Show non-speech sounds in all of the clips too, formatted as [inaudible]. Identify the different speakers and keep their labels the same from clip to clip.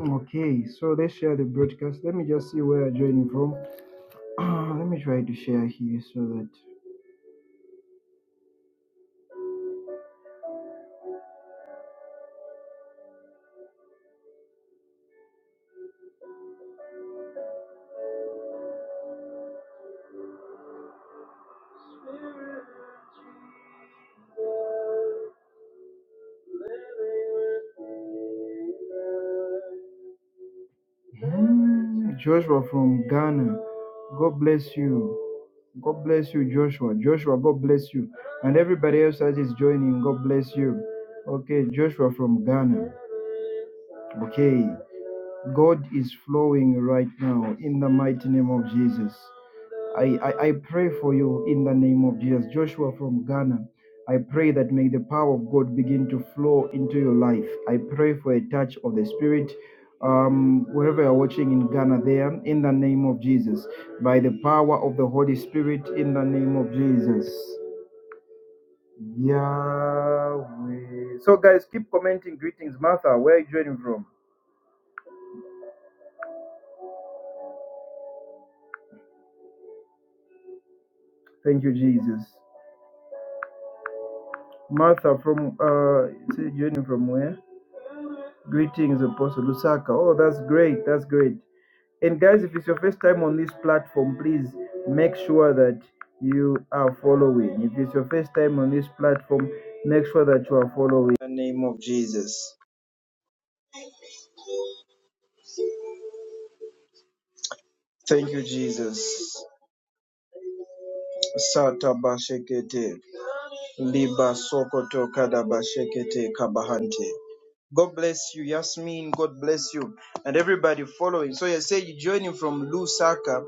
Speaker 1: Okay, so let's share the broadcast. Let me just see where I'm joining from. Ah, Let me try to share here so that Hmm, Joshua from Ghana. God bless you. God bless you, Joshua. Joshua, God bless you. And everybody else that is joining, God bless you. Okay, Joshua from Ghana. Okay. God is flowing right now in the mighty name of Jesus. I, I, I pray for you in the name of Jesus. Joshua from Ghana, I pray that may the power of God begin to flow into your life. I pray for a touch of the Spirit. Um, wherever you're watching in Ghana, there, in the name of Jesus, by the power of the Holy Spirit, in the name of Jesus. Yahweh. So, guys, keep commenting. Greetings, Martha. Where are you joining from? Thank you, Jesus. Martha, from uh, joining from where? Greetings, Apostle Lusaka. Oh, that's great. That's great. And guys, if it's your first time on this platform, please make sure that you are following. If it's your first time on this platform, make sure that you are following. In the name of Jesus. Thank you, Jesus. Sata bashekete, liba sokoto kada bashekete kabahante. God bless you, Yasmin. God bless you, and everybody following. So you say you're joining from Lusaka.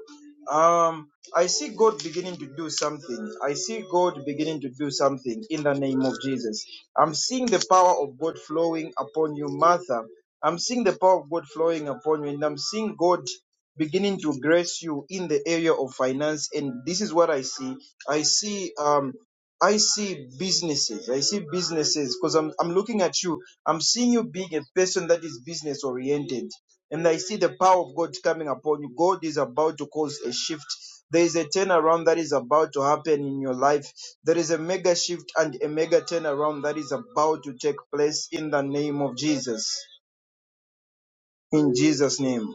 Speaker 1: Um, I see God beginning to do something. I see God beginning to do something in the name of Jesus. I'm seeing the power of God flowing upon you, Martha. I'm seeing the power of God flowing upon you, and I'm seeing God beginning to grace you in the area of finance. And this is what I see. I see um I see businesses. I see businesses because I'm I'm looking at you I'm seeing you being a person that is business oriented. And I see the power of God coming upon you. God is about to cause a shift. There is a turnaround that is about to happen in your life. There is a mega shift and a mega turnaround that is about to take place in the name of Jesus. In Jesus' name.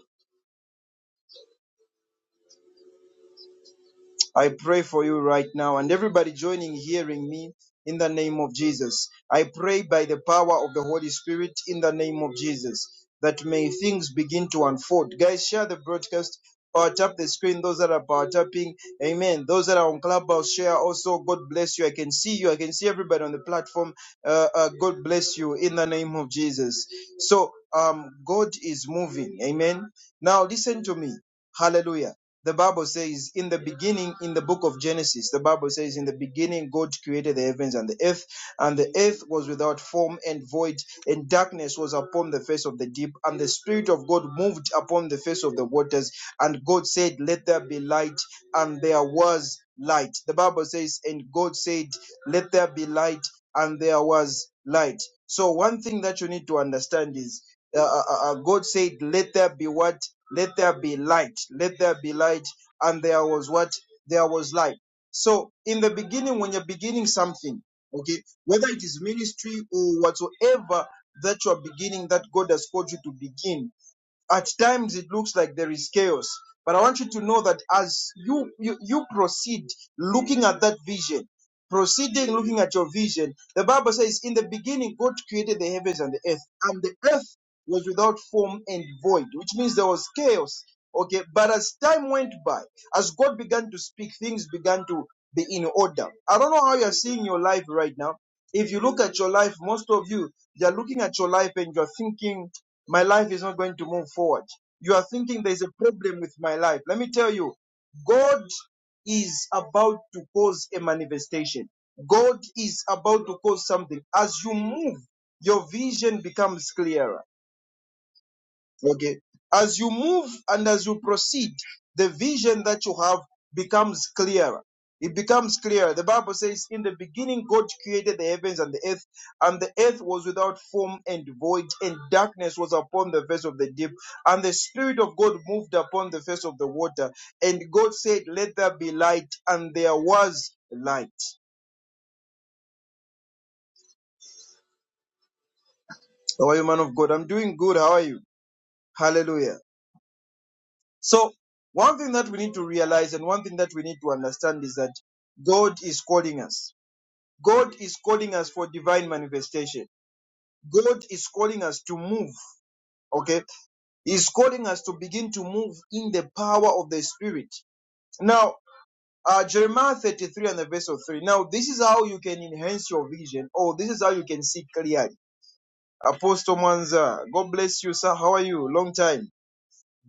Speaker 1: I pray for you right now and everybody joining, hearing me in the name of Jesus. I pray by the power of the Holy Spirit in the name of Jesus that may things begin to unfold. Guys, share the broadcast. Power tap the screen, those that are power tapping. Amen. Those that are on Clubhouse, share also. God bless you. I can see you. I can see everybody on the platform. Uh, uh, God bless you in the name of Jesus. So, um, God is moving. Amen. Now, listen to me. Hallelujah the Bible says, in the beginning, in the book of Genesis, the Bible says, in the beginning, God created the heavens and the earth, and the earth was without form and void, and darkness was upon the face of the deep, and the Spirit of God moved upon the face of the waters, and God said, Let there be light, and there was light. The Bible says, and God said, Let there be light, and there was light. So, one thing that you need to understand is, uh, uh, uh, uh, God said, Let there be what? let there be light let there be light and there was what there was light so in the beginning when you're beginning something okay whether it is ministry or whatsoever that you are beginning that god has called you to begin at times it looks like there is chaos but i want you to know that as you you, you proceed looking at that vision proceeding looking at your vision the bible says in the beginning god created the heavens and the earth and the earth was without form and void which means there was chaos okay but as time went by as god began to speak things began to be in order i don't know how you're seeing your life right now if you look at your life most of you you're looking at your life and you're thinking my life is not going to move forward. You are thinking there's a problem with my life. Let me tell you, God is about to cause a manifestation. God is about to cause something. As you move, your vision becomes clearer Okay. As you move and as you proceed, the vision that you have becomes clearer. It becomes clearer. The Bible says, In the beginning, God created the heavens and the earth, and the earth was without form and void, and darkness was upon the face of the deep. And the Spirit of God moved upon the face of the water. And God said, Let there be light. And there was light. How are you, man of God? I'm doing good. How are you? Hallelujah. So one thing that we need to realize and one thing that we need to understand is that God is calling us. God is calling us for divine manifestation. God is calling us to move. Okay. He's calling us to begin to move in the power of the Spirit. Now, uh, Jeremiah 33 and the verse of 3. Now, this is how you can enhance your vision, or this is how you can see clearly. Apostle Mwanza, God bless you, sir. How are you? Long time.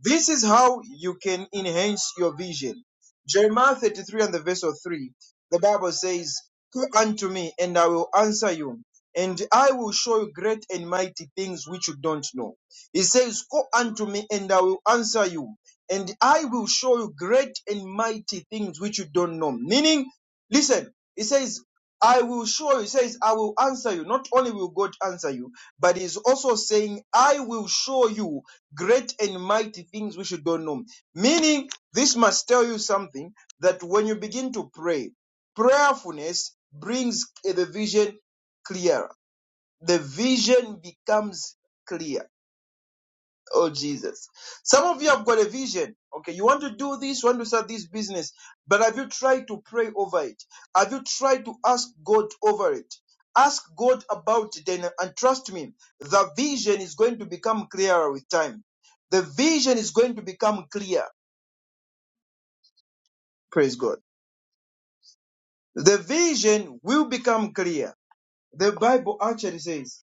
Speaker 1: This is how you can enhance your vision. Jeremiah 33 and the verse of 3, the Bible says, Call unto me, and I will answer you, and I will show you great and mighty things which you don't know. He says, Call unto me, and I will answer you, and I will show you great and mighty things which you don't know. Meaning, listen, he says, I will show you, he says, I will answer you. Not only will God answer you, but he's also saying, I will show you great and mighty things which you don't know. Meaning, this must tell you something that when you begin to pray, prayerfulness brings the vision clearer. The vision becomes clear. Oh Jesus. Some of you have got a vision. Okay, you want to do this, you want to start this business, but have you tried to pray over it? Have you tried to ask God over it? Ask God about it and, and trust me, the vision is going to become clearer with time. The vision is going to become clear. Praise God. The vision will become clear. The Bible actually says.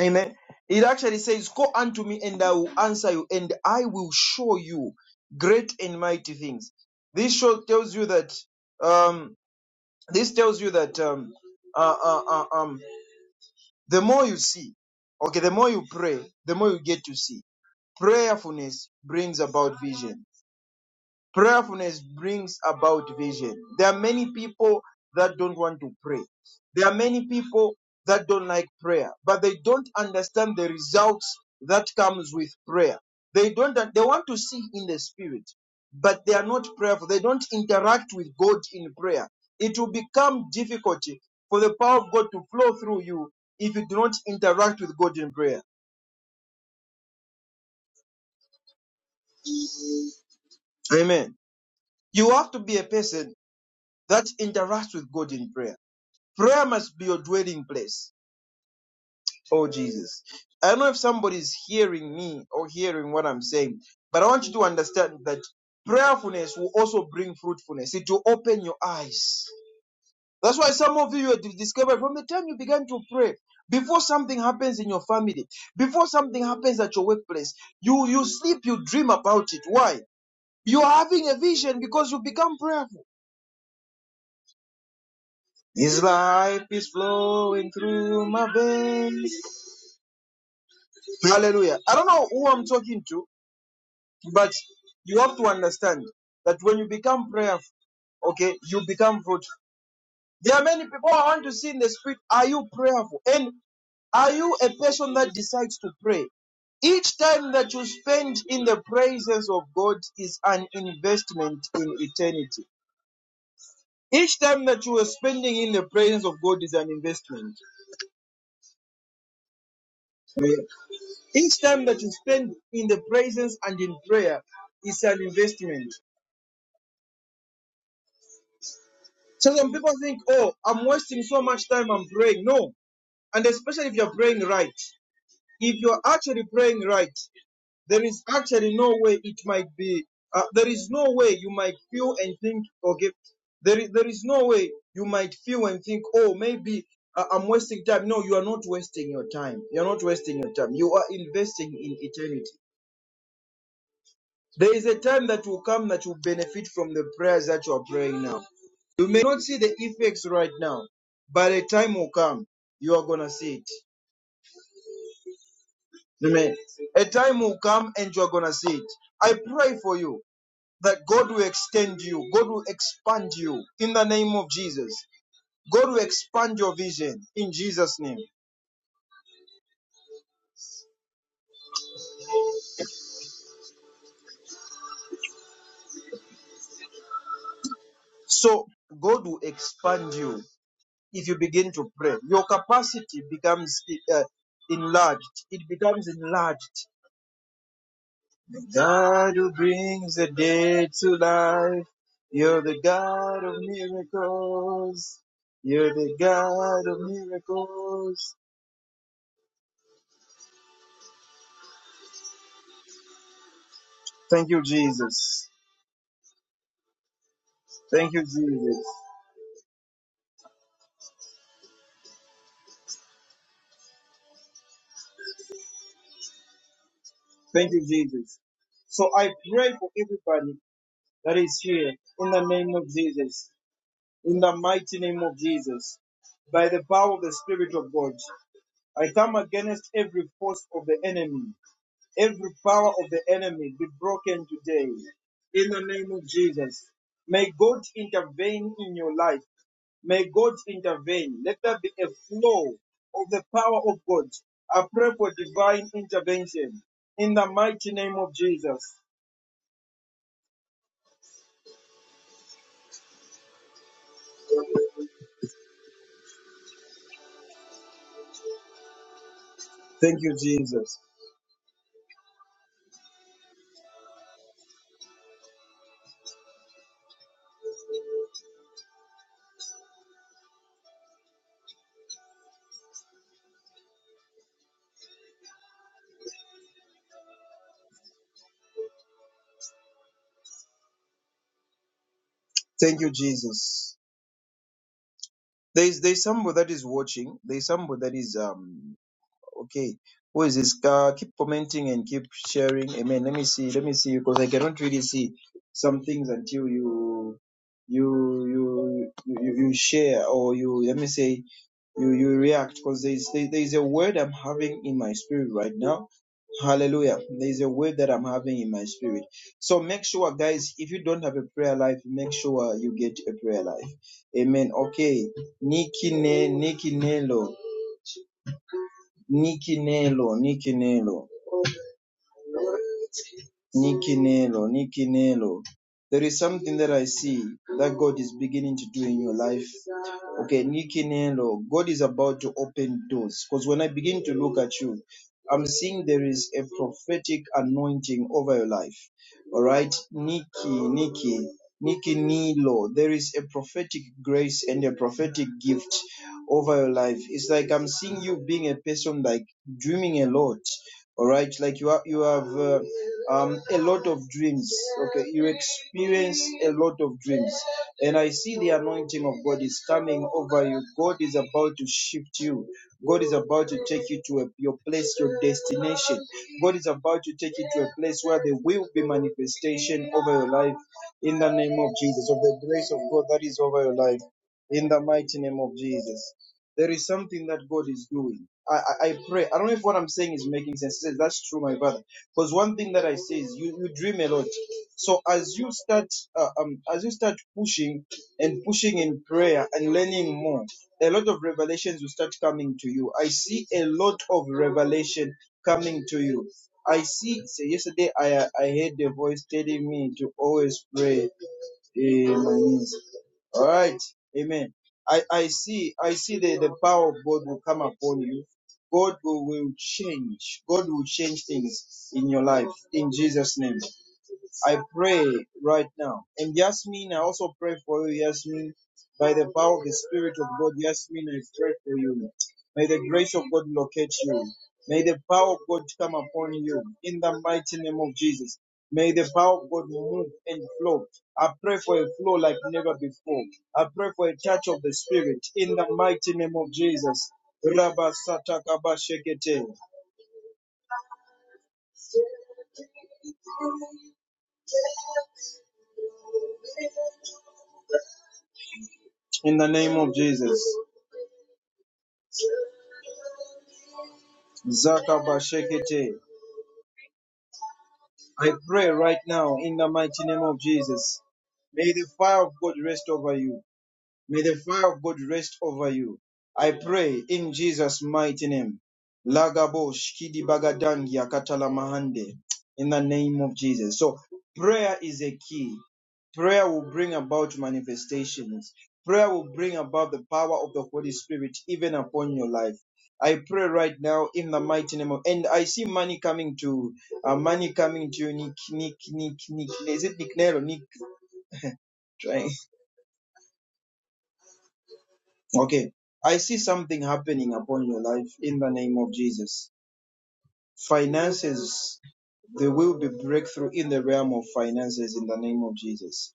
Speaker 1: Amen. It actually says, Call unto me, and I will answer you, and I will show you great and mighty things. This show tells you that um, this tells you that um, uh, uh, uh, um, the more you see, okay, the more you pray, the more you get to see. Prayerfulness brings about vision. Prayerfulness brings about vision. There are many people that don't want to pray. There are many people that don't like prayer, but they don't understand the results that comes with prayer. They don't they want to see in the spirit, but they are not prayerful. They don't interact with God in prayer. It will become difficult for the power of God to flow through you if you do not interact with God in prayer. Amen. You have to be a person that interacts with God in prayer. Prayer must be your dwelling place. Oh, Jesus. I don't know if somebody's hearing me or hearing what I'm saying, but I want you to understand that prayerfulness will also bring fruitfulness. It will open your eyes. That's why some of you have discovered from the time you began to pray, before something happens in your family, before something happens at your workplace, you, you sleep, you dream about it. Why? You're having a vision because you become prayerful. His life is flowing through my veins. Hallelujah. I don't know who I'm talking to, but you have to understand that when you become prayerful, okay, you become fruitful. There are many people I want to see in the spirit. Are you prayerful? And are you a person that decides to pray? Each time that you spend in the presence of God is an investment in eternity. Each time that you are spending in the presence of God is an investment. Each time that you spend in the presence and in prayer is an investment. So some people think, oh, I'm wasting so much time I'm praying. No. And especially if you're praying right. If you're actually praying right, there is actually no way it might be, uh, there is no way you might feel and think, okay, there is, there is no way you might feel and think, oh, maybe uh, I'm wasting time. No, you are not wasting your time. You're not wasting your time. You are investing in eternity. There is a time that will come that will benefit from the prayers that you are praying now. You may not see the effects right now, but a time will come you are gonna see it. Amen. A time will come and you are gonna see it. I pray for you that God will extend you, God will expand you in the name of Jesus. God will expand your vision in Jesus' name. So God will expand you if you begin to pray. Your capacity becomes uh, enlarged. It becomes enlarged The God who brings the dead to life. You're the God of miracles. You're the God of miracles. Thank you, Jesus. Thank you, Jesus. Thank you, Jesus. So I pray for everybody that is here in the name of Jesus, in the mighty name of Jesus, by the power of the Spirit of God. I come against every force of the enemy. Every power of the enemy be broken today in the name of Jesus. May God intervene in your life. May God intervene. Let there be a flow of the power of God. I pray for divine intervention in the mighty name of Jesus. Thank you, Jesus. Thank you, Jesus. There is there is somebody that is watching. There is somebody that is um Okay. Who is this guy? Keep commenting and keep sharing. Amen. Let me see. Let me see because I cannot really see some things until you you you you, you you share or you let me say you you react because there is there, there is a word I'm having in my spirit right now. Hallelujah. There is a word that I'm having in my spirit. So make sure, guys, if you don't have a prayer life, make sure you get a prayer life. Amen. Okay. Nikine, Nikinelo. Nikinelo, Nikinelo, Nikinelo, Nikinelo. There is something that I see that God is beginning to do in your life. Okay, Nikinelo, God is about to open doors. Because when I begin to look at you, I'm seeing there is a prophetic anointing over your life. All right, Nikki, Nikki, Nikki Nilo, there is a prophetic grace and a prophetic gift over your life. It's like I'm seeing you being a person like dreaming a lot. All right, like you are, you have. Uh, um, a lot of dreams. Okay, you experience a lot of dreams. And I see the anointing of God is coming over you. God is about to shift you. God is about to take you to a, your place, your destination. God is about to take you to a place where there will be manifestation over your life in the name of Jesus, of the grace of God that is over your life in the mighty name of Jesus. There is something that God is doing. I, I, I pray. I don't know if what I'm saying is making sense. That's true, my brother. Because one thing that I say is you, you dream a lot. So as you start uh, um as you start pushing and pushing in prayer and learning more, a lot of revelations will start coming to you. I see a lot of revelation coming to you. I see. So yesterday I I heard a voice telling me to always pray eh, my knees. All right. Amen. I, I see, I see the, the power of God will come upon you. God will, will change. God will change things in your life in Jesus' name. I pray right now. And Yasmin, I also pray for you, Yasmin. By the power of the Spirit of God, Yasmin, I pray for you. May the grace of God locate you. May the power of God come upon you in the mighty name of Jesus. May the power of God move and flow. I pray for a flow like never before. I pray for a touch of the Spirit in the mighty name of Jesus. Rabba Sataka Bashekete. In the name of Jesus. Zaka Bashekete. I pray right now in the mighty name of Jesus. May the fire of God rest over you. May the fire of God rest over you. I pray in Jesus' mighty name. Lagabosh kidibagadangia katalamahande. In the name of Jesus. So prayer is a key. Prayer will bring about manifestations. Prayer will bring about the power of the Holy Spirit even upon your life. I pray right now in the mighty name of, and I see money coming to, uh, money coming to you, Nick, Nick, Nick, Nick. Is it Nick Nero? Nick? try Okay. I see something happening upon your life in the name of Jesus. Finances, there will be breakthrough in the realm of finances in the name of Jesus.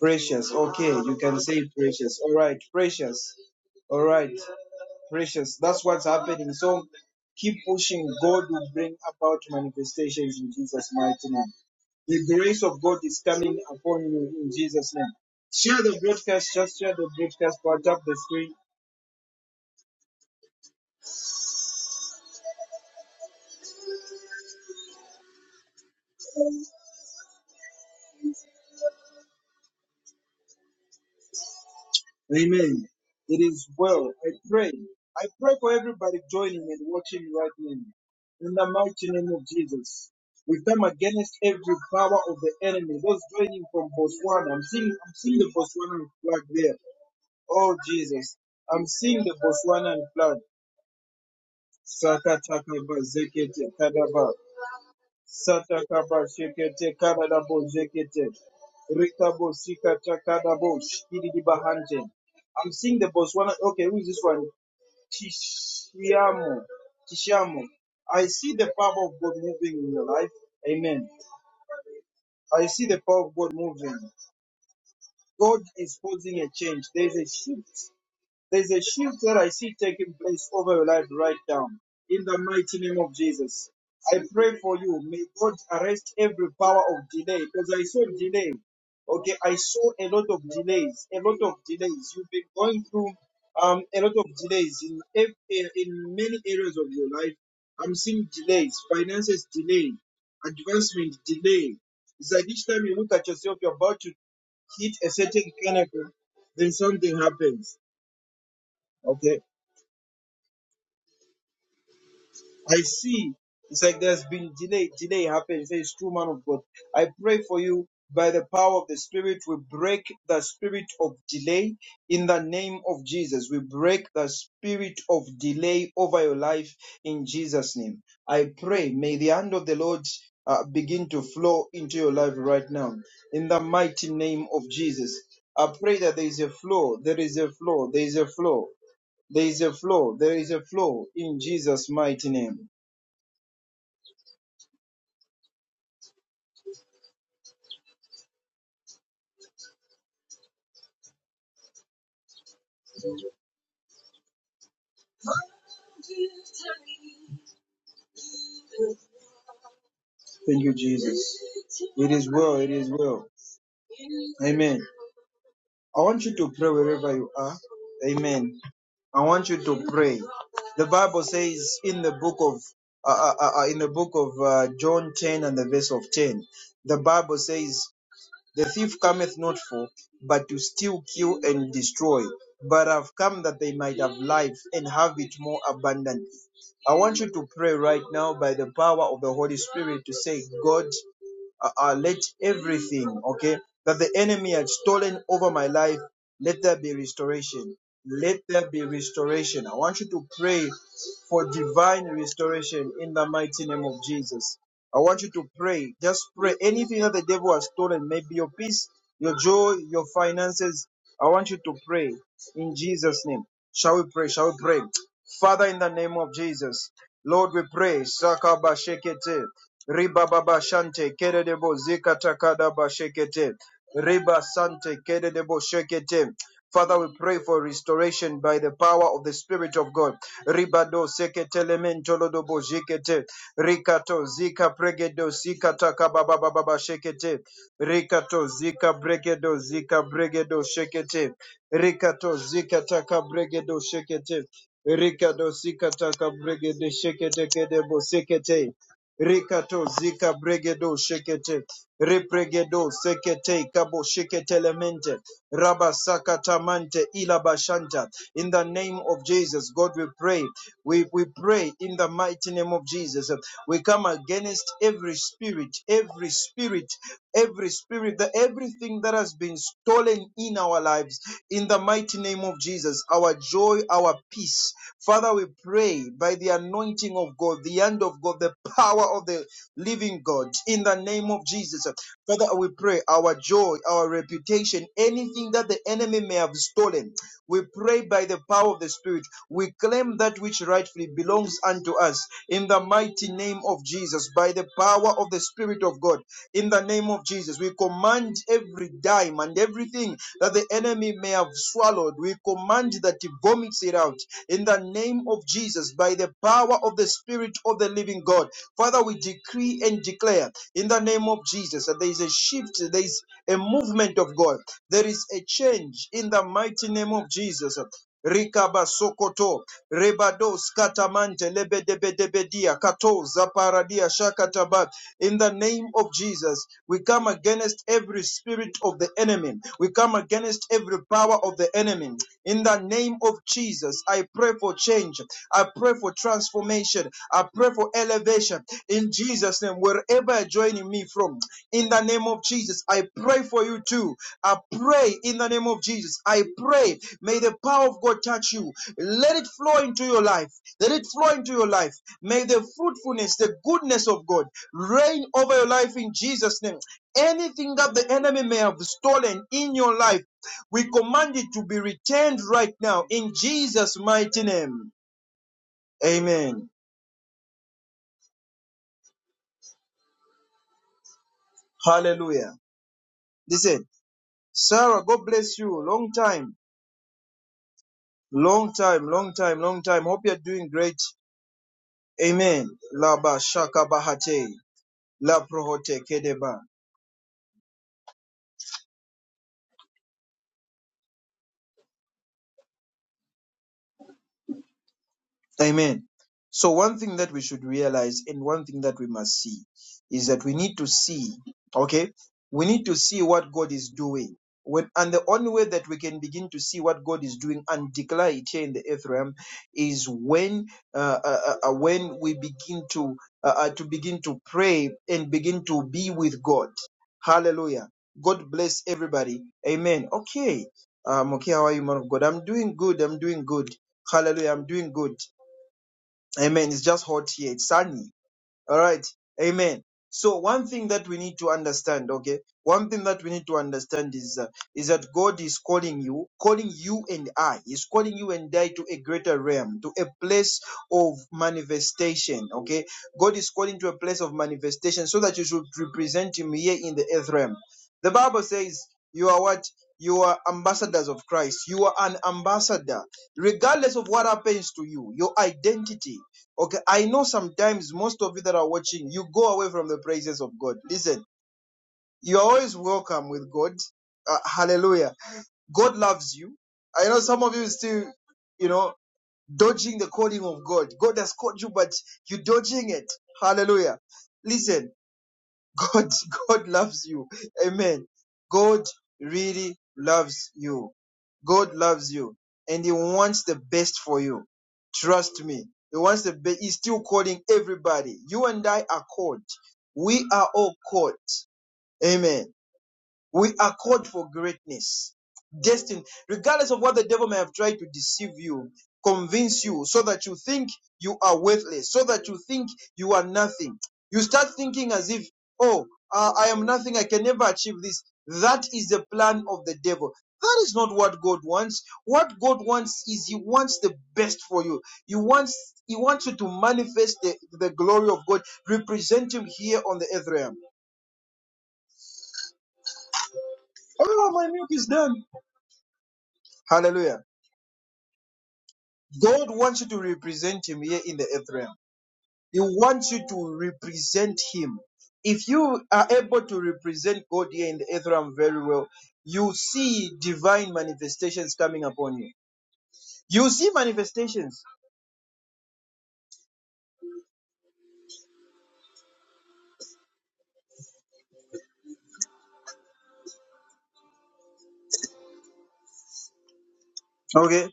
Speaker 1: Precious. Okay. You can say precious. All right. Precious. All right. Precious. That's what's happening. So keep pushing. God will bring about manifestations in Jesus' mighty name. The grace of God is coming upon you in Jesus' name. Share the broadcast. Just share the broadcast. Part up the screen Amen. It is well. I pray. I pray for everybody joining and watching right now. In the mighty name of Jesus. We come against every power of the enemy. Those joining from Botswana. I'm seeing I'm seeing the Botswana flag there. Oh Jesus. I'm seeing the Botswana flag. Saka taka bazekete kadaba. Sata kaba shekete karada bo zekete. takada bo shkidi di bahante. I'm seeing the Botswana. Okay, who is this one? Tishiamo. Tishiamo. I see the power of God moving in your life. Amen. I see the power of God moving. God is causing a change. There is a shift. There's a shift that I see taking place over your life right now. In the mighty name of Jesus. I pray for you. May God arrest every power of delay. Because I saw delay. Okay, I saw a lot of delays. A lot of delays. You've been going through um, a lot of delays in, ev- in in many areas of your life. I'm seeing delays, finances delay, advancement delay. It's like each time you look at yourself, you're about to hit a certain pinnacle, then something happens. Okay. I see. It's like there's been delay. Delay happened. He says, it's true man of God. I pray for you by the power of the Spirit. We break the spirit of delay in the name of Jesus. We break the spirit of delay over your life in Jesus' name. I pray, may the hand of the Lord uh, begin to flow into your life right now in the mighty name of Jesus. I pray that there is a flow, there is a flow, there is a flow, there is a flow, there is a flow in Jesus' mighty name. Thank you, Jesus. It is well. It is well. Amen. I want you to pray wherever you are. Amen. I want you to pray. The Bible says in the book of uh, uh, uh, uh, in the book of uh, John 10 and the verse of 10, the Bible says. The thief cometh not for, but to steal, kill, and destroy. But I've come that they might have life and have it more abundantly. I want you to pray right now by the power of the Holy Spirit to say, God, uh, uh, let everything, okay, that the enemy had stolen over my life, let there be restoration. Let there be restoration. I want you to pray for divine restoration in the mighty name of Jesus. I want you to pray. Just pray. Anything that the devil has stolen, maybe your peace, your joy, your finances. I want you to pray in Jesus' name. Shall we pray? Shall we pray? Father, in the name of Jesus, Lord, we pray. Sakaba shekete, riba shante, kere debo zikata riba sante, kere shekete. Father, we pray for restoration by the power of the Spirit of God. Ribado sekete lemento lodobo jekete. Rikato zika pregedo zika takababababa shekete. Rikato zika bregedo zika bregedo shekete. Rikato zika taka bregedo shekete. Rikado zika taka bregede shekete kedebo sekete. Rikato zika bregedo shekete. Repregedo sekete kabo shekete lemente. Rabasakatamante ilabashanta. In the name of Jesus, God, we pray. We, we pray in the mighty name of Jesus. We come against every spirit, every spirit, every spirit, that everything that has been stolen in our lives in the mighty name of Jesus, our joy, our peace. Father, we pray by the anointing of God, the hand of God, the power of the living God, in the name of Jesus. Father, we pray our joy, our reputation, anything that the enemy may have stolen, we pray by the power of the Spirit. We claim that which rightfully belongs unto us in the mighty name of Jesus, by the power of the Spirit of God. In the name of Jesus, we command every dime and everything that the enemy may have swallowed, we command that he vomits it out. In the name of Jesus, by the power of the Spirit of the living God, Father, we decree and declare in the name of Jesus that there is a shift, there is a movement of God, there is a change in the mighty name of Jesus. Rikaba sokoto, rebado skatamante, lebedebedebedia, kato, zaparadia, shakataba. In the name of Jesus, we come against every spirit of the enemy. We come against every power of the enemy. In the name of Jesus, I pray for change. I pray for transformation. I pray for elevation. In Jesus' name, wherever you're joining me, from. In the name of Jesus, I pray for you too. I pray in the name of Jesus. I pray. May the power of God touch you. Let it flow into your life. Let it flow into your life. May the fruitfulness, the goodness of God reign over your life in Jesus' name. Anything that the enemy may have stolen in your life, we command it to be returned right now in Jesus' mighty name. Amen. Hallelujah. Listen, Sarah, God bless you. Long time. Long time, long time, long time. Hope you're doing great. Amen. Laba shaka bahate. La prohote kedeba. Amen. So, one thing that we should realize and one thing that we must see is that we need to see, okay, we need to see what God is doing. When, and the only way that we can begin to see what God is doing and declare it here in the earth realm is when uh, uh, uh, uh, when we begin to uh, uh, to begin to pray and begin to be with God. Hallelujah. God bless everybody. Amen. Okay. Um, okay, how are you, man of God? I'm doing good. I'm doing good. Hallelujah. I'm doing good. Amen. It's just hot here. It's sunny. All right. Amen. So one thing that we need to understand, okay, one thing that we need to understand is uh, is that God is calling you, calling you and I. He's calling you and I to a greater realm, to a place of manifestation. Okay, God is calling to a place of manifestation so that you should represent Him here in the earth realm. The Bible says you are what you are ambassadors of Christ. You are an ambassador, regardless of what happens to you. Your identity Okay, I know sometimes most of you that are watching, you go away from the praises of God. Listen, you are always welcome with God. Uh, hallelujah. God loves you. I know some of you still, you know, dodging the calling of God. God has called you, but you're dodging it. Hallelujah. Listen, God, God loves you. Amen. God really loves you. God loves you and He wants the best for you. Trust me. He wants the best. He's still calling everybody. You and I are called. We are all called. Amen. We are called for greatness. Destined, regardless of what the devil may have tried to deceive you, convince you so that you think you are worthless, so that you think you are nothing. You start thinking as if, oh, uh, I am nothing, I can never achieve this. That is the plan of the devil. That is not what God wants. What God wants is He wants the best for you. He wants He wants you to manifest the, the glory of God, represent Him here on the earth realm. Oh, my milk is done. Hallelujah. God wants you to represent Him here in the earth realm. He wants you to represent Him. If you are able to represent God here in the earth realm very well, you see divine manifestations coming upon you. You see manifestations. Okay?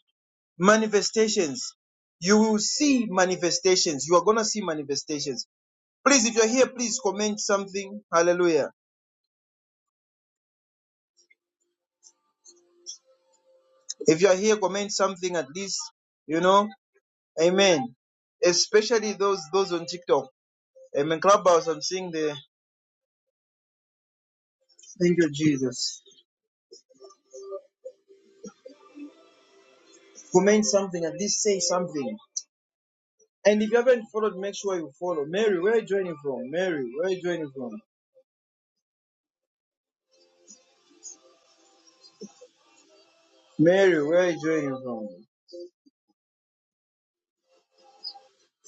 Speaker 1: Manifestations. You will see manifestations. You are going to see manifestations. Please, if you're here, please comment something. Hallelujah. If you're here, comment something at least. You know? Amen. Especially those those on TikTok. I'm in Clubhouse. I'm seeing the. Thank you, Jesus. Comment something. At least say something. And if you haven't followed, make sure you follow. Mary, where are you joining from? Mary, where are you joining from? Mary, where are you joining from?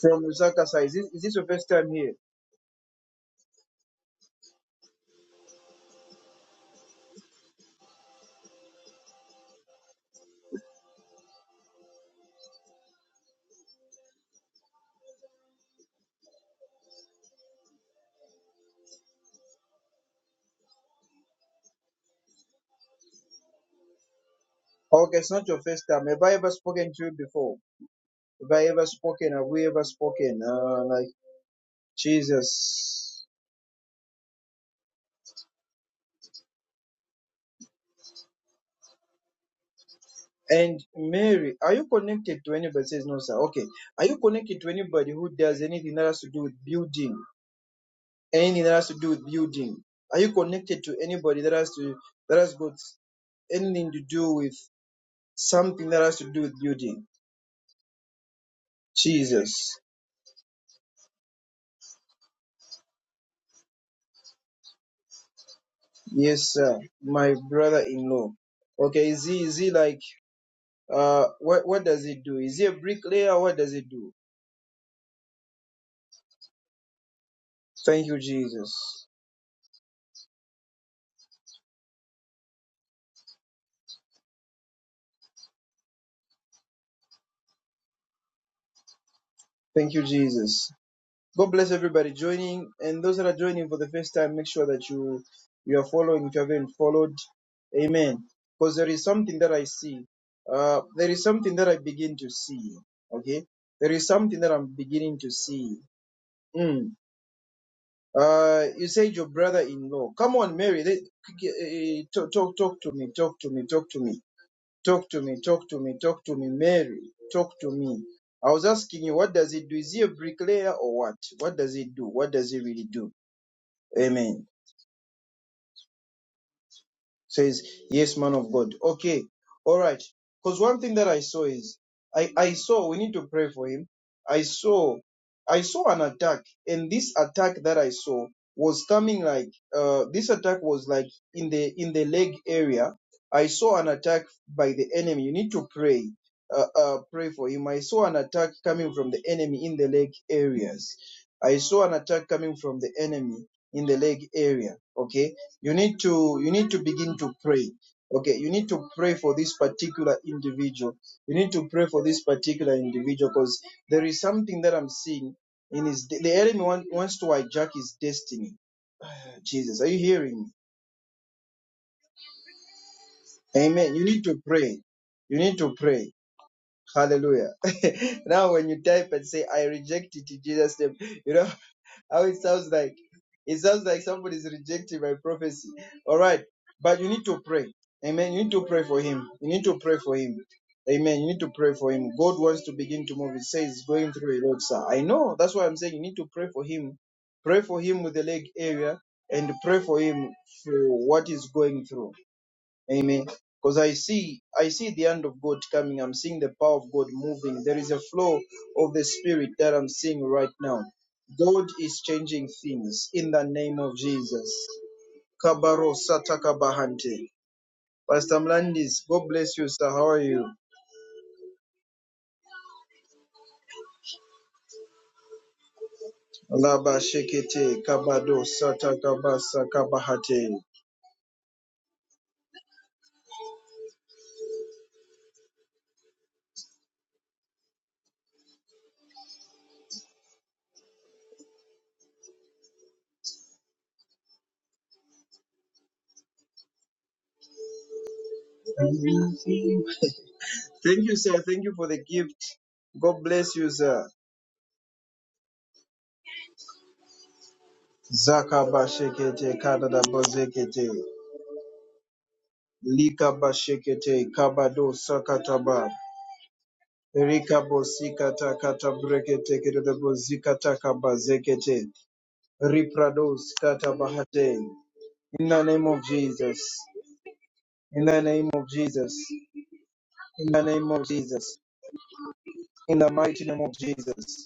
Speaker 1: From Lusaka side. Is this, is this your first time here? Okay, it's not your first time. Have I ever spoken to you before? Have I ever spoken? Have we ever spoken? Uh, like, Jesus. And Mary, are you connected to anybody? Says no, sir. Okay. Are you connected to anybody who does anything that has to do with building? anything that has to do with building? Are you connected to anybody that has to that has got anything to do with something that has to do with building? Jesus. Yes, sir. My brother in law. Okay, is he is he like uh what what does he do? Is he a bricklayer? What does he do? Thank you, Jesus. Thank you, Jesus. God bless everybody joining, and those that are joining for the first time, make sure that you you are following if you haven't followed. Amen. Because there is something that I see. Uh, there is something that I begin to see. Okay, there is something that I'm beginning to see. Mm. Uh, you said your brother-in-law. Come on, Mary. let- eh, eh, Talk, talk, talk to me. Talk to me. Talk to me. Talk to me, talk to me, talk to me, Mary. Talk to me. I was asking you, what does it do? Is he a bricklayer or what? What does it do? What does he really do? Amen. Says, yes, man of God. Okay. All right. Because one thing that I saw is, I, I saw, we need to pray for him. I saw, I saw an attack and this attack that I saw was coming like, uh, this attack was like in the, in the leg area. I saw an attack by the enemy. You need to pray. Uh, uh, pray for him. I saw an attack coming from the enemy in the leg areas. I saw an attack coming from the enemy in the leg area. Okay you need to you need to begin to pray okay you need to pray for this particular individual you need to pray for this particular individual because there is something that i'm seeing in his the enemy want, wants to hijack his destiny jesus are you hearing me amen you need to pray you need to pray hallelujah [laughs] now when you type and say i reject it in jesus name you know How it sounds like. It sounds like somebody's rejecting my prophecy. All right. But you need to pray. Amen. You need to pray for him. You need to pray for him. Amen. You need to pray for him. God wants to begin to move. It says he's going through a lot, sir. I know. That's why I'm saying you need to pray for him. Pray for him with the leg area and pray for him for what he's going through. Amen. Because I see, I see the hand of God coming. I'm seeing the power of God moving. There is a flow of the Spirit that I'm seeing right now. God is changing things in the name of Jesus. Kabaro satakabahante. Pastor Mlandis, God bless you, sir. How are you? Laba shekete kabado satakabasa kabahate. Thank you, sir. Thank you for the gift. God bless you, sir. Zakaba shekete kadada bozekete. Likabashekete kabado sakataba. Rikabo sikata katabrekete kedebo zikata kabazekete. Riprado sikata In the name of Jesus. In the name of Jesus. In the name of Jesus. In the mighty name of Jesus.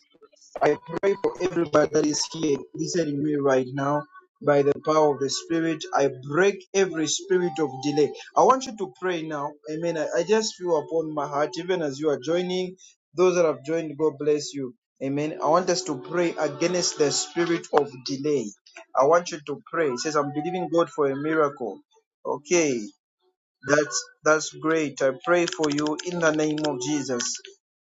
Speaker 1: I pray for everybody that is here listening to me right now. By the power of the Spirit, I break every spirit of delay. I want you to pray now. Amen. I, I just feel upon my heart, even as you are joining, those that have joined, God bless you. Amen. I want us to pray against the spirit of delay. I want you to pray. It says, I'm believing God for a miracle. Okay. That's that's great. I pray for you in the name of Jesus.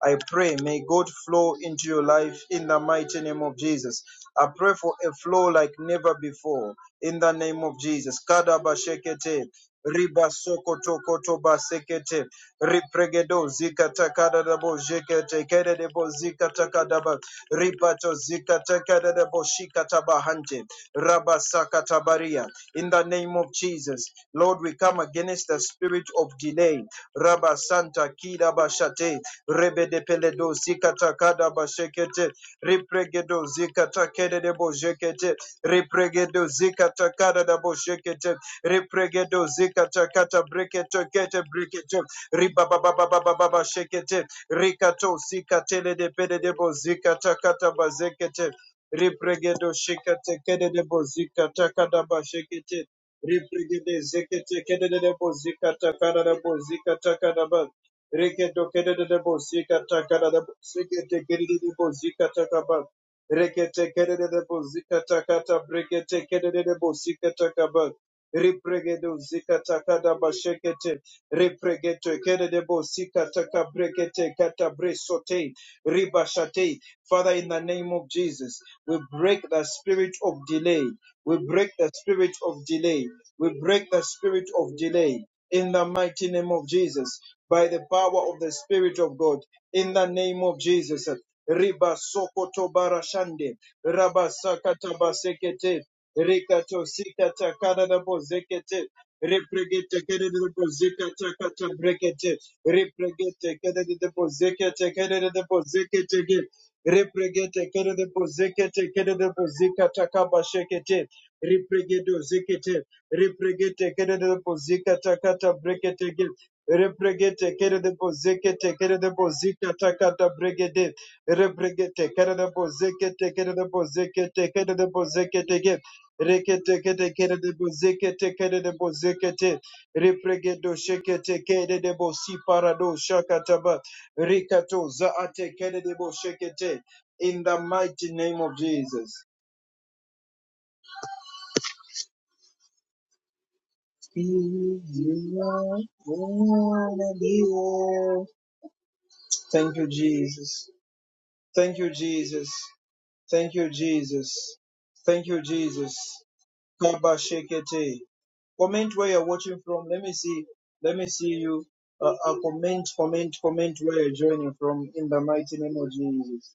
Speaker 1: I pray, may God flow into your life in the mighty name of Jesus. I pray for a flow like never before in the name of Jesus. Kadabashekete, ribasokotokotobasekete, ripregedo zikatakadadabo jekete, kededebo zikatakadaba, ripato zikatakadadabo shikatabahante, rabasakatabaria in the name of Jesus. Lord, we come against the spirit of delay. Rabba Santa Kida Bashate, Rebe de Peledo Zikata Kada Bashekete, Ripregedo Zikata Kede de Bojekete, Ripregedo Zikata Kada da Bojekete, Ripregedo Zikata Kata Breketo Kete Breketo, Ribababababababa Rikato Sikatele de Pede de Bozikata Kata Bazekete, Ribregedo shekete kedede bozika takada bashekete. Ribregede zekete kedede bozika takada bozika takada ba. Rekedo kedede bozika takada bozikete kedede bozika takaba. Rekete kedede bozika takata brekete kedede bozika takaba. Ribregedo zika takada bashekete. Ribregedo kedede bozika takabrekete kata bresote. Ribashate Father, in the name of Jesus, we break the spirit of delay. We break the spirit of delay. We break the spirit of delay in the mighty name of Jesus by the power of the Spirit of God in the name of Jesus. Riba sokoto barashande, raba sakata basekete, rikato sikata karada bozekete, repregete kerede bozekata kata brekete, repregete kerede bozekete kerede bozekete Repregete kerede bozekete kerede bozika takaba shekete. Repregedo zekete. Repregete kerede bozika takata brekete gil. Repregete kerede bozekete kerede bozika takata bregede. Repregete kerede bozekete kerede bozekete kerede bozekete gil. Rekete kete kerede bozekete kerede bozekete. Repregedo shekete kerede bosi parado shakataba. Rikato zaate kedebo shekete. In the mighty name of Jesus. Thank you, Jesus. Thank you, Jesus. Thank you, Jesus. Thank you, Jesus. Kaba shekete. Comment where you're watching from. Let me see. Let me see you. Uh, uh, comment, comment, comment where you're joining from in the mighty name of Jesus.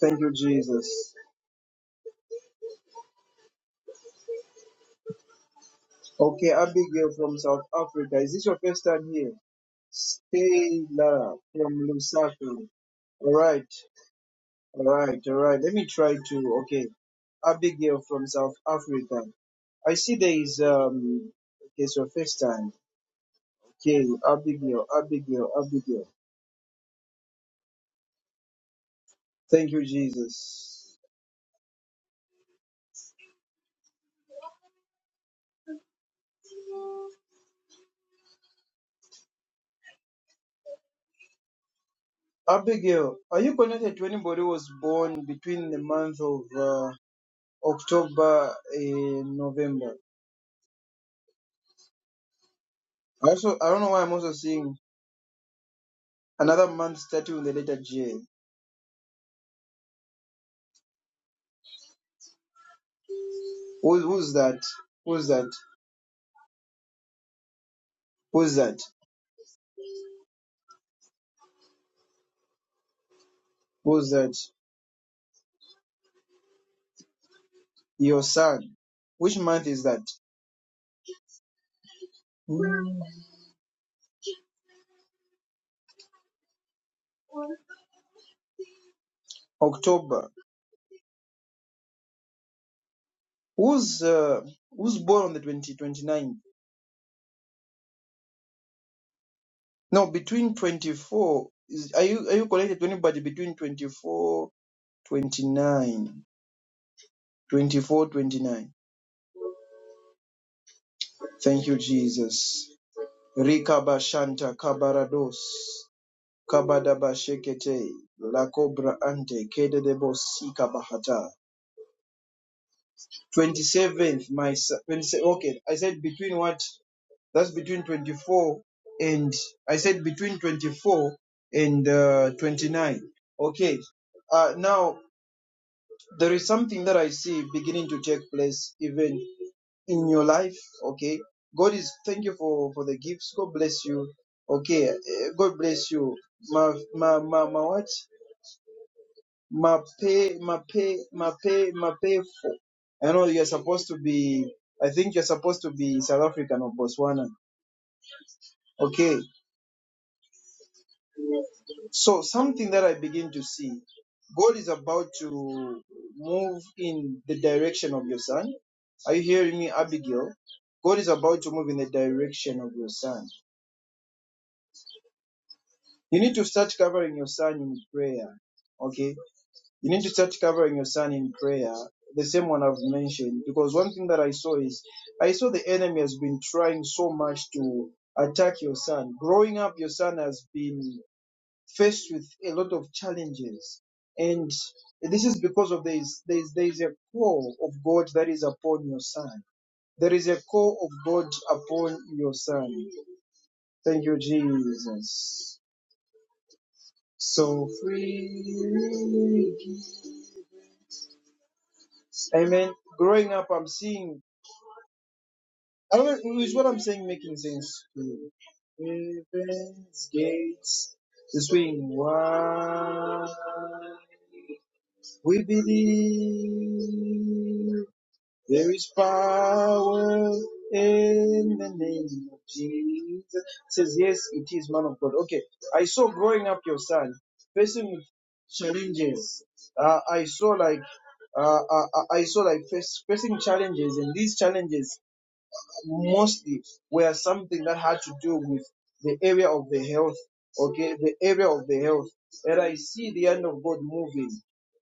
Speaker 1: Thank you, Jesus. Okay, Abigail from South Africa. Is this your first time here? Stella from Lusaka. All right, all right, all right. Let me try to. Okay, Abigail from South Africa. I see there is um. Okay, it's your first time. Okay, Abigail, Abigail, Abigail. Thank you, Jesus. Abigail, are you connected to anybody who was born between the month of uh, October and November? I also I don't know why I'm also seeing Another man starting with the letter J. Who, who's that? Who's that? Who's that? Who's that? Your son. Which month is that? Hmm, October. Who's uh, who's born on the 20, 29? No, between 24. Is, are you are you connected to anybody between 24 29? 24 29. Thank you, Jesus. Rika Bashanta Kabarados. Kabadabashekete, La Cobra Ante, Kede de Bahata. 27th, my son. okay, I said between what? That's between 24 and, I said between 24 and uh, 29. Okay, uh, now there is something that I see beginning to take place even in your life. Okay, God is, thank you for, for the gifts. God bless you. Okay, eh, God bless you. Ma, ma, ma, ma what? Mape, Mape, Mape, Mapefo. I know you're supposed to be, I think you're supposed to be South African or Botswana. Okay. So something that I begin to see, God is about to move in the direction of your son. Are you hearing me, Abigail? God is about to move in the direction of your son. You need to start covering your son in prayer. Okay you need to start covering your son in prayer, the same one I've mentioned. Because one thing that I saw is I saw the enemy has been trying so much to attack your son. Growing up, your son has been faced with a lot of challenges. And this is because of this there's there's a call of God that is upon your son. There is a call of God upon your son. Thank you, Jesus. So free. Amen. Growing up, I'm seeing I don't know, is what I'm saying making sense to you? Heaven's gates to swing wide. We believe there is power in the name of Jesus. It says, Yes, it is man of God. Okay. I saw growing up your son facing with challenges. Uh, I saw like uh, I, I I saw like face, facing challenges, and these challenges mostly were something that had to do with the area of the health, okay, the area of the health. And I see the hand of God moving.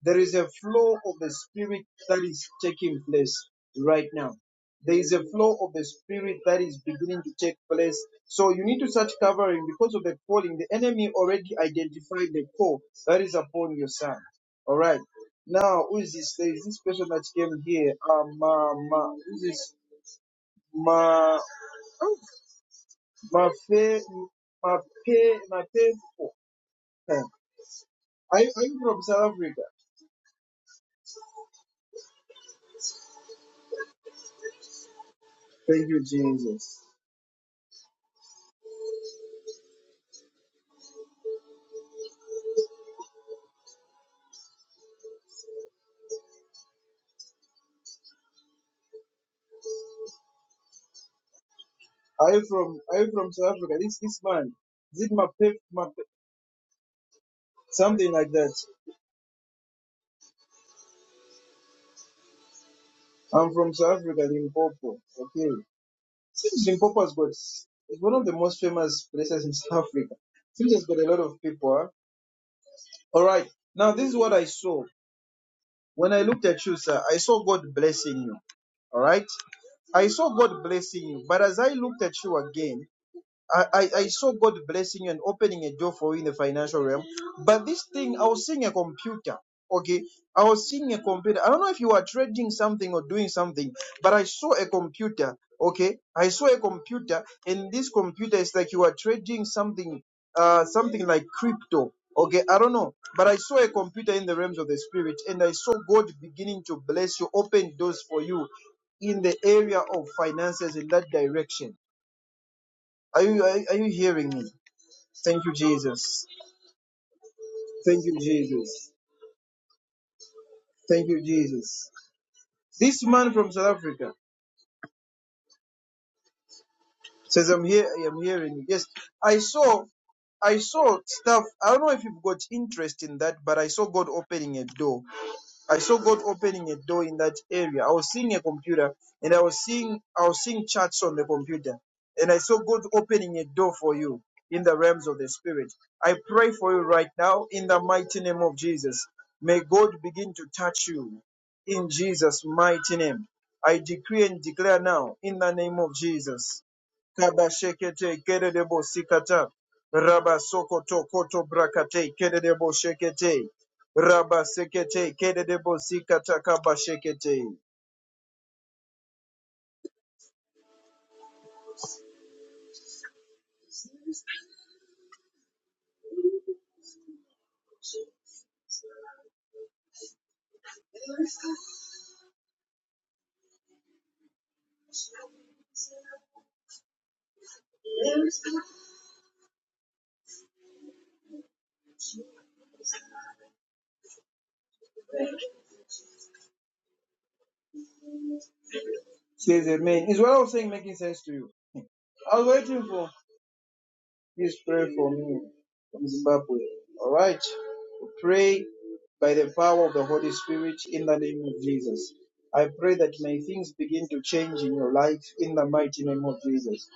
Speaker 1: There is a flow of the Spirit that is taking place right now. There is a flow of the Spirit that is beginning to take place. So you need to start covering because of the calling. The enemy already identified the call that is upon your son. All right. Now, who is this? There is this person that came here. Um, uh, ma, ma- who is this? Ma. Mafe, mape, mapepo. Huh. Are you, are you from South Africa? Thank you, Jesus. Are you from Are you from South Africa? This this man, is it mape, mape, something like that? I'm from South Africa, Limpopo. Okay, seems Limpopo has got it's one of the most famous places in [laughs] South Africa. Seems it's got a lot of people. Huh? All right, now this is what I saw when I looked at you, sir. I saw God blessing you. All right, I saw God blessing you, but as I looked at you again. I, I, I saw God blessing you and opening a door for you in the financial realm. But this thing, I was seeing a computer. Okay, I was seeing a computer. I don't know if you are trading something or doing something, but I saw a computer. Okay, I saw a computer, and this computer is like you are trading something, uh, something like crypto. Okay, I don't know, but I saw a computer in the realms of the spirit, and I saw God beginning to bless you, open doors for you in the area of finances in that direction. Are you, are, are you hearing me? Thank you, Jesus. Thank you, Jesus. Thank you, Jesus. This man from South Africa says, I'm here, I am hearing you. Yes, I saw, I saw stuff. I don't know if you've got interest in that, but I saw God opening a door. I saw God opening a door in that area. I was seeing a computer and I was seeing I was seeing charts on the computer. And I saw God opening a door for you in the realms of the spirit. I pray for you right now in the mighty name of Jesus. May God begin to touch you in Jesus' mighty name. I decree and declare now in the name of Jesus. Kabashekete kererebo sikata. Rabasokoto koto brakate kererebo shekete. Rabba sekete kede debo sikata kaba shekete. Says amen. Is what I was saying making sense to you? I was waiting for this prayer for me from Zimbabwe. All right. We Pray by the power of the Holy Spirit in the name of Jesus. I pray that may things begin to change in your life in the mighty name of Jesus.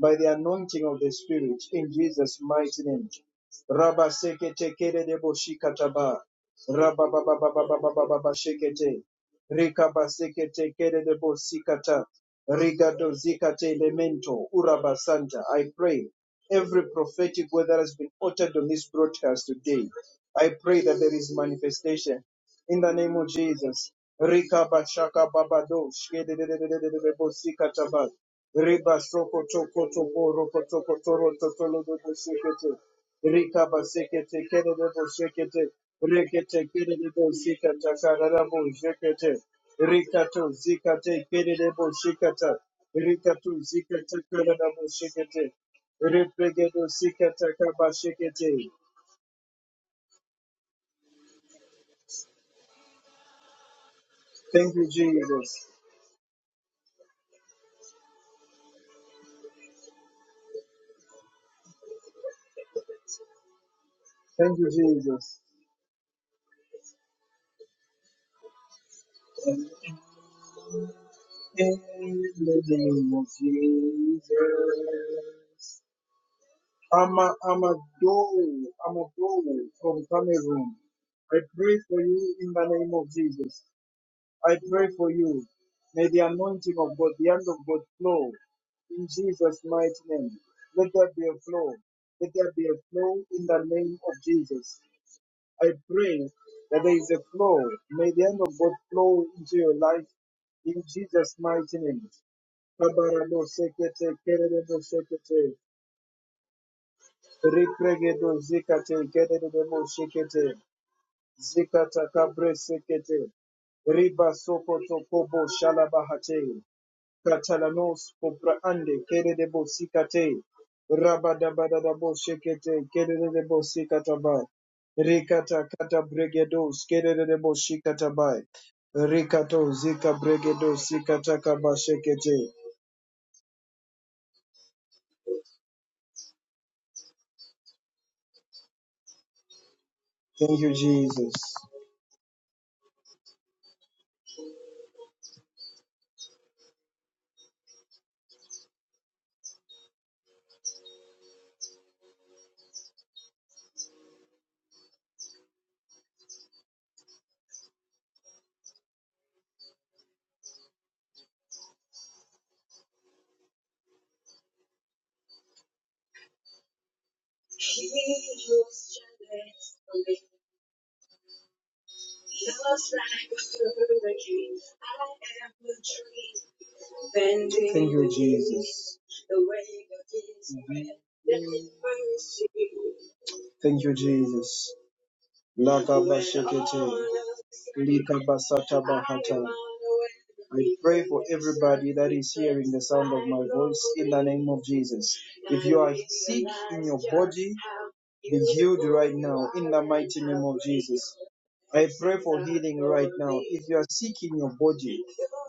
Speaker 1: by the anointing of the Spirit in Jesus' mighty name. Rabba sekete kere debo shikataba. Rabba baba baba baba baba baba shekete. Rika basekete kere debo sikata. Riga zikate lemento. Uraba santa. I pray every prophetic word that has been uttered on this broadcast today. I pray that there is manifestation in the name of Jesus. Rika bashaka babado shkede debo sikataba. Reba soko toko toko roko toko toro totolo dodo sekete. Rika basekete kere dodo sekete. Rekete kere dodo sikata kararabo sekete. Rika to zikate kere dodo sikata. Rika to zikate kararabo sekete. Repregedo sikata kaba sekete. Thank you, Jesus. Thank you, Jesus. In the name of Jesus. I'm a, I'm a door. I'm a door from Cameroon. I pray for you in the name of Jesus. I pray for you. May the anointing of God, the hand of God flow in Jesus' mighty name. Let there be a flow. Let there be a flow in the name of Jesus. I pray that there is a flow. May the hand of God flow into your life in Jesus' mighty name. Kabarabo sekete, kerebo sekete, Ripregedo zikate kedede demo shekete. Zikata kabre sekete. Riba sokoto kobo shalabahate. Katalanos popraande kedede bo sikate. Rabadabadadabo shekete kedede debo sikataba. Rikata kata bregedos kedede debo shikatabai. Rikato zika bregedos sikataka bashekete. Thank you, Jesus. Thank you, Jesus. Thank you, Jesus. Lakabashekete, likabasata bahata. I pray for everybody that is hearing the sound of my voice in the name of Jesus. If you are sick in your body, be healed right now in the mighty name of Jesus. I pray for healing right now. If you are sick in your body,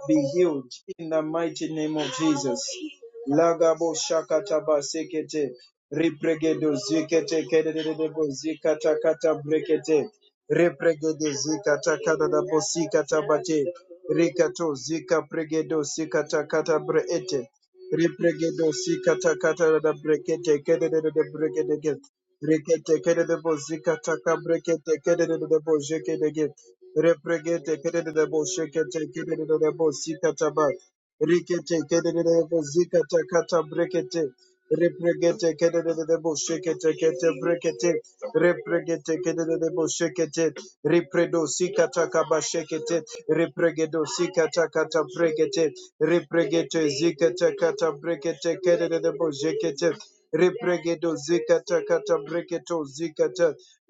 Speaker 1: be healed in the mighty name of Jesus. Lagabo shakataba sekete, ripregedo zikete kedededebo zikata kata brekete, ripregedo zikata kadadabo sikata bate, rikato zika pregedo sikata kata breete, ripregedo sikata kata brekete kedededede brekete Rekete kere de bo zika taka brekete kere de de bo jeke de ge. Repregete kere de de bo shekete kere de de bo zika taba. Rikete kere de de bo taka ta brekete. Repregete kere de de bo shekete kete brekete. Repregete kere de de bo shekete. Repredo zika taka ba shekete. Repregedo zika taka ta brekete. Repregete zika taka ta brekete kere de de bo jekete. Repregedo zikata kata breketo zikata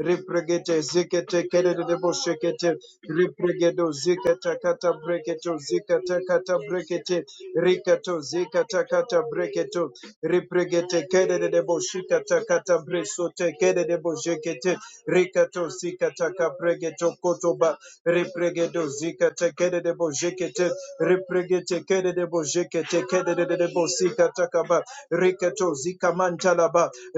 Speaker 1: repregete zikete kerede boshekete repregedo zikata kata breketo zikata kata brekete rikato zikata kata breketo repregete kerede boshikata kata bresote kerede boshekete rikato zikata kata kabregeto kotoba repregedo zikata kerede boshekete repregete kerede bo jekete kederere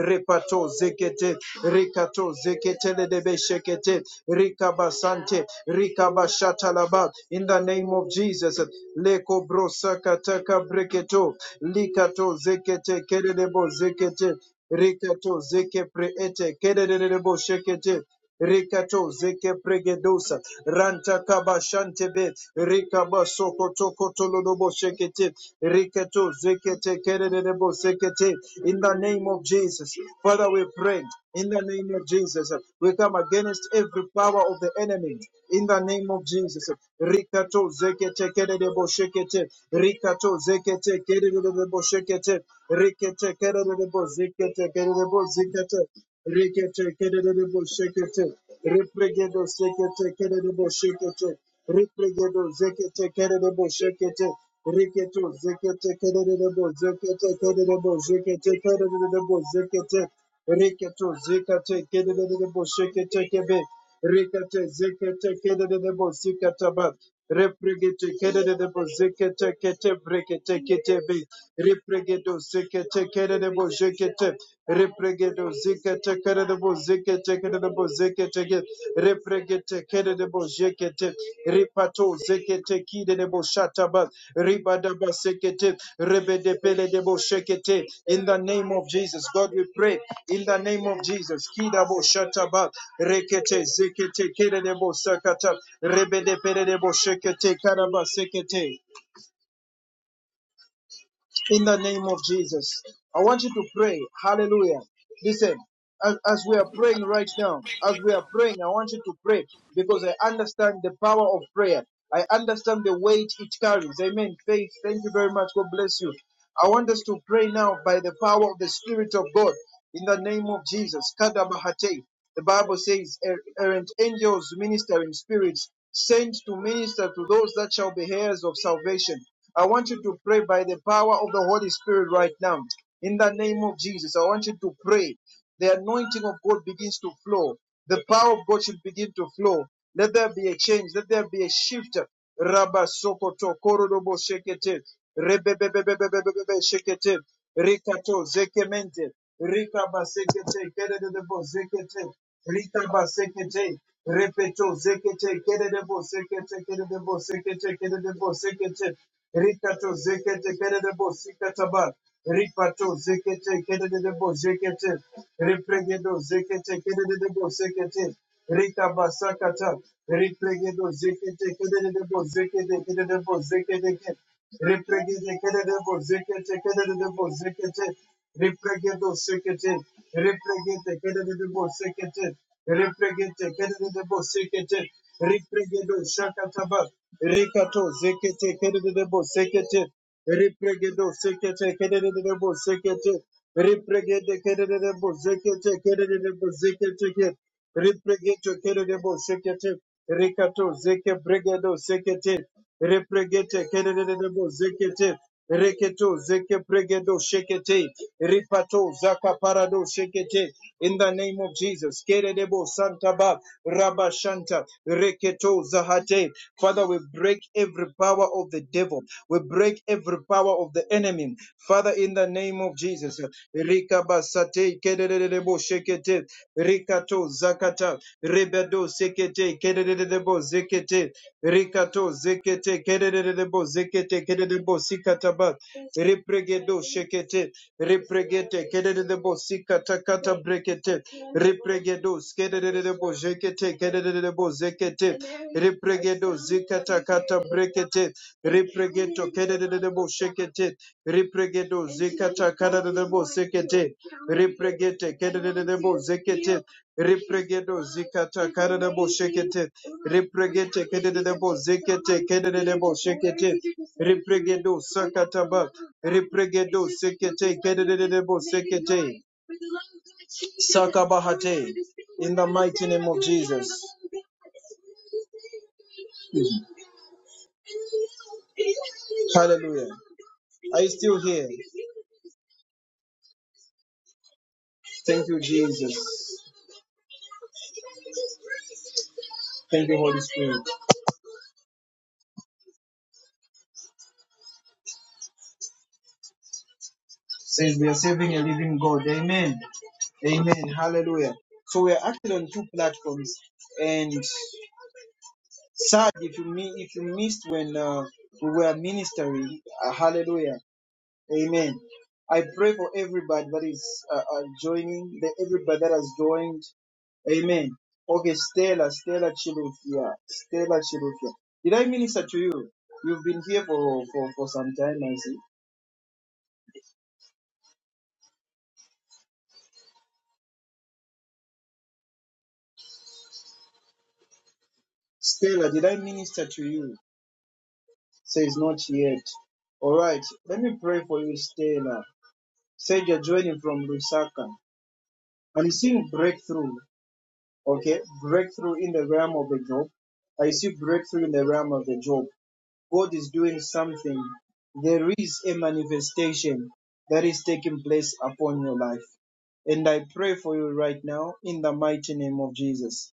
Speaker 1: repato zekete rekato zeketeledebe shekete rikabasante rikabashatalaba in the name of Jesus leko brosakataka breketo likato zekete kederebo zekete rikato zeke preete kederebo shekete Rikato zeke pregedosa ranta kaba shantebe rikaba soko toko tololobo shekete rikato zeke tekerebo sekete in the name of Jesus Father we pray in the name of Jesus we come against every power of the enemy in the name of Jesus rikato zeke tekerebo shekete rikato zeke tekerebo shekete rikete kerebo zeke tekerebo zikete Rekete kedededebo shekete. Repregedo sekete kededebo shekete. Repregedo zekete kededebo shekete. Reketo zekete kedede bo zekete kededebo zekete kedededebo zekete. Reketo zekete kedededebo shekete kebe. Rekete zekete kedededebo sikataba. Repregete kedededebo zekete kete brekete kete be. Repregedo zekete kededebo zekete. Repregedo zike tekere de bo zikete tekere de bo zike teke repregete kere de bo zike te ripato zike tekide de bo shataba ribada ba rebede pele de In the name of Jesus, God, we pray. In the name of Jesus, kida bo shataba rekete zikete tekere de sakata rebede pele shekete bo karaba zike in the name of Jesus. I want you to pray. Hallelujah. Listen, as, as we are praying right now, as
Speaker 2: Right
Speaker 1: we
Speaker 2: now.
Speaker 1: are praying, I want you to pray because I understand the power of prayer. I understand the weight it carries. Amen. Faith, thank you very much. God bless you. I want us to pray now by the power of the Spirit of God in the name of Jesus. Kadabahate. The Bible says, "Er- errant angels ministering spirits sent to minister to those that shall be heirs of salvation. I want you to pray by the power of the Holy Spirit right now. In the name of Jesus, I want you to pray. The anointing of God begins to flow. The power of God should begin to flow. Let there be a change. Let there be a shift. Rabba sokoto korodobo shekete. Rebebebebebebebe shekete. Rikato zekemente. Rika basekete kerede de bo zekete. Rika basekete. Repeto zekete kerede de bo zekete kerede de bo zekete kerede de bo zekete. Rikato zekete kerede de bo sikataba. Ripato zekete kerede de bo zekete. Repregedo zekete kerede de bo zekete. Rita Basakata, Replegedo Zekete Kedebo Zekete Kedebo Zekete Replegede Kedebo Zekete Kedebo Zekete Replegedo Sekete Replegete Kedebo Sekete Replegete Kedebo Sekete Replegedo Shakataba Rikato Zekete Kedebo Sekete Replegedo Sekete Kedebo Sekete Replegede Kedebo Zekete Kedebo Zekete Repregeto kerebo sekete rekato zeke bregedo sekete repregete kerebo zekete reketo zeke bregedo shekete ripato zaka parado shekete in the name of Jesus kerebo santa ba rabashanta reketo zahate father we break every power of the devil we break every power of the enemy father in the name of Jesus Rikabasate Kedebo Shekete Rikato Zakata Rebedo Sekete Kedebo Zekete Rikato Zekete Kedebo Zekete Kedebo Sikataba Repregedo Shekete Repregete Kedebo Sikata Kata Brekete Repregedo Skedebo Zekete Kedebo Zekete Repregedo Zikata Kata Brekete Repregeto Kedebo Shekete Repregedo Zikata Kadadabo Sekete Repregete Kadadabo Zekete Repregedo Zikata Kadadabo Shekete Repregete Kadadabo Zekete Kadadabo Shekete Repregedo Sakataba Repregedo Sekete Kadadabo Sekete Sakabahate in the mighty name of Jesus. Hallelujah. Are you still here? Thank you, Jesus. Thank you, Holy Spirit. Says we are serving a living God. Amen. Amen. Hallelujah. So we are acting on two platforms. And sad if you mi- if you missed when uh, we were ministering. Uh, hallelujah. Amen. I pray for everybody that is uh, uh, joining, the, everybody that has joined. Amen. Okay, Stella, Stella Chilufia, Stella Chilufia. Did I minister to you? You've been here for, for, for some time, I see. Stella, did I minister to you? Says not yet. All right, let me pray for you, Stella. Said you're joining from Lusaka. I'm seeing breakthrough. Okay, breakthrough in the realm of the job. I see breakthrough in the realm of the job. God is doing something, there is a manifestation that is taking place upon your life. And I pray for you right now in the mighty name of Jesus.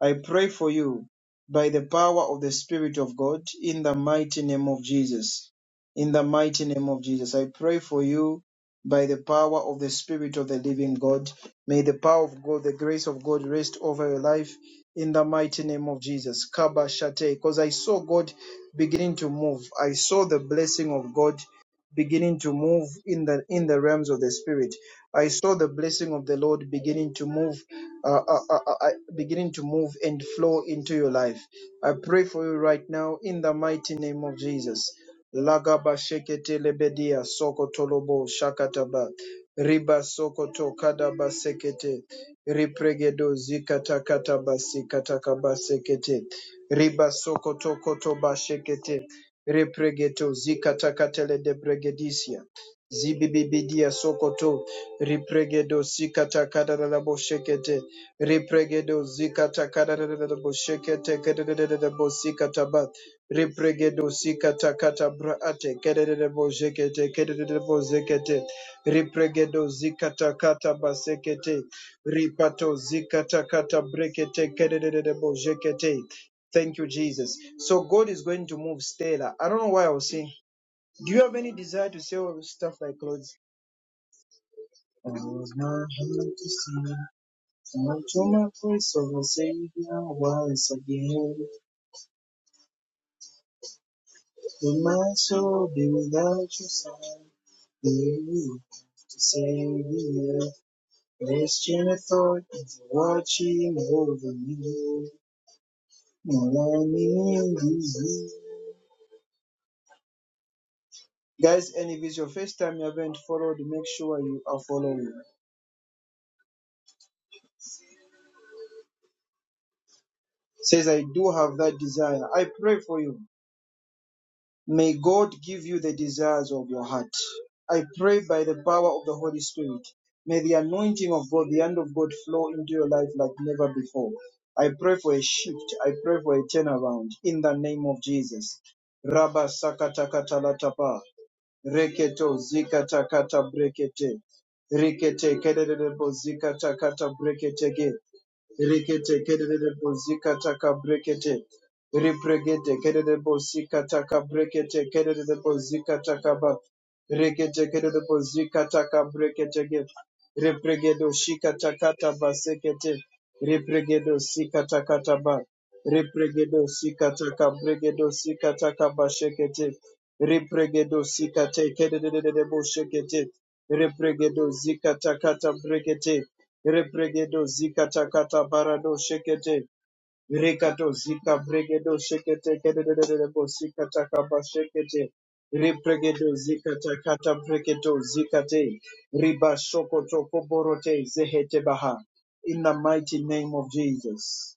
Speaker 1: I pray for you by the power of the Spirit of God in the mighty name of Jesus. In the mighty name of Jesus. I pray for you by the power of the Spirit of the living God. May the power of God, the grace of God rest over your life in the mighty name of Jesus. Kaba Shate. Because I saw God beginning to move. I saw the blessing of God beginning to move in the in the realms of the spirit. I saw the blessing of the Lord beginning to move, uh, uh, uh, uh, uh, beginning to move and flow into your life. I pray for you right now in the mighty name of Jesus. Lagaba shekete lebedia sokotolobo shakataba riba sokoto kadaba sekete ripregedo zikata kataba sikata kaba sekete Riba soko toko toba shekete. Repregeto zikatakatele de pregedicia. Zibibibidia sokoto. Ripregedo zikatakadada boshekete. Ripregedo zikatakadada boshekete. Kedede de bosikataba. Ripregedo zikatakata braate. Kedede de boshekete. Kedede de bozekete. Ripregedo zikatakata basekete. Ripato zikatakata brekete. Kedede de boshekete. Thank you, Jesus. So God is going to move Stella. I don't know why I was saying. Do you have any desire to sell stuff like clothes? I was not here to see. Until my voice of a Savior once again, will my soul be without your sign? Believe to save the earth. This gentle thought is watching over me. And let me in Guys, and if it's your first time you haven't followed, make sure you are following. says, I do have that desire. I pray for you. May God give you the desires of your heart. I pray by the power of the Holy Spirit. May the anointing of God, the hand of God flow into your life like never before. I pray for a shift. I pray for a turnaround in the name of Jesus. Rabba sakatakatatapa, reketo zikatakata brekete, rekete kedededebo zikatakata breketege. Rikete kerere bozika taka brekete. Ripregete kerere bozika taka brekete kerere bozika taka ba. Rikete kerere bozika taka brekete ge. Ripregedo shika takata basekete. Ripregedo sika takata ba. Ripregedo sika taka bregedo sika taka bashekete. Ripregedo sika tekerere boshekete. Ripregedo zika takata brekete. Rebregedo zika takata barado shekete. Rekato zika bregedo shekete kedededebo zika takaba shekete. Repregedo zika takata bregedo zikate. Riba shokoto koborote zehete baha. In the mighty name of Jesus.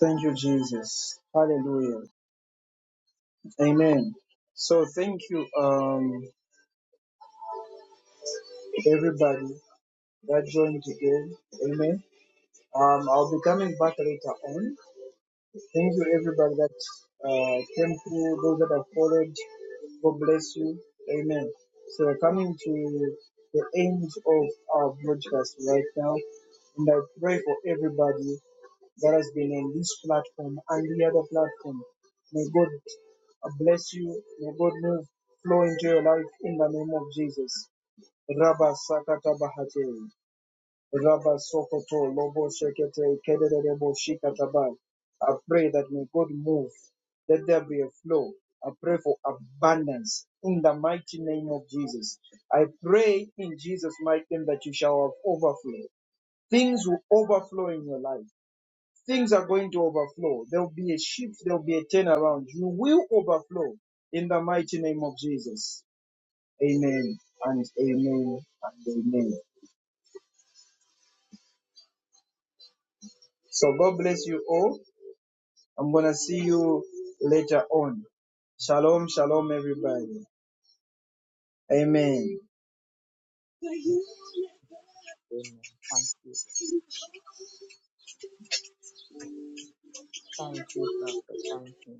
Speaker 1: Thank you, Jesus. Hallelujah. Amen. So thank you, um, everybody that joined again. Amen. Um, I'll be coming back later on. Thank you, everybody that uh, came through, those that have followed. God bless you. Amen. So we're coming to the end of our broadcast right now. And I pray for everybody that has been on this platform and the other platform. May God bless you. May God move, flow into your life in the name of Jesus. Rabba Sakata Bahate. Rabba Sokoto, Lobo Shekete, Kederebo Shikatabai. I pray that may God move. Let there be a flow. I pray for abundance in the mighty name of Jesus. I pray in Jesus' mighty name that you shall have overflow. Things will overflow in your life. Things are going to overflow. There will be a shift. There will be a turnaround. You will overflow in the mighty name of Jesus. Amen and amen and amen. So God bless you all. I'm gonna see you later on. Shalom, shalom, everybody. Amen.
Speaker 3: Amen. Thank you. Thank you, Prophet. Thank you.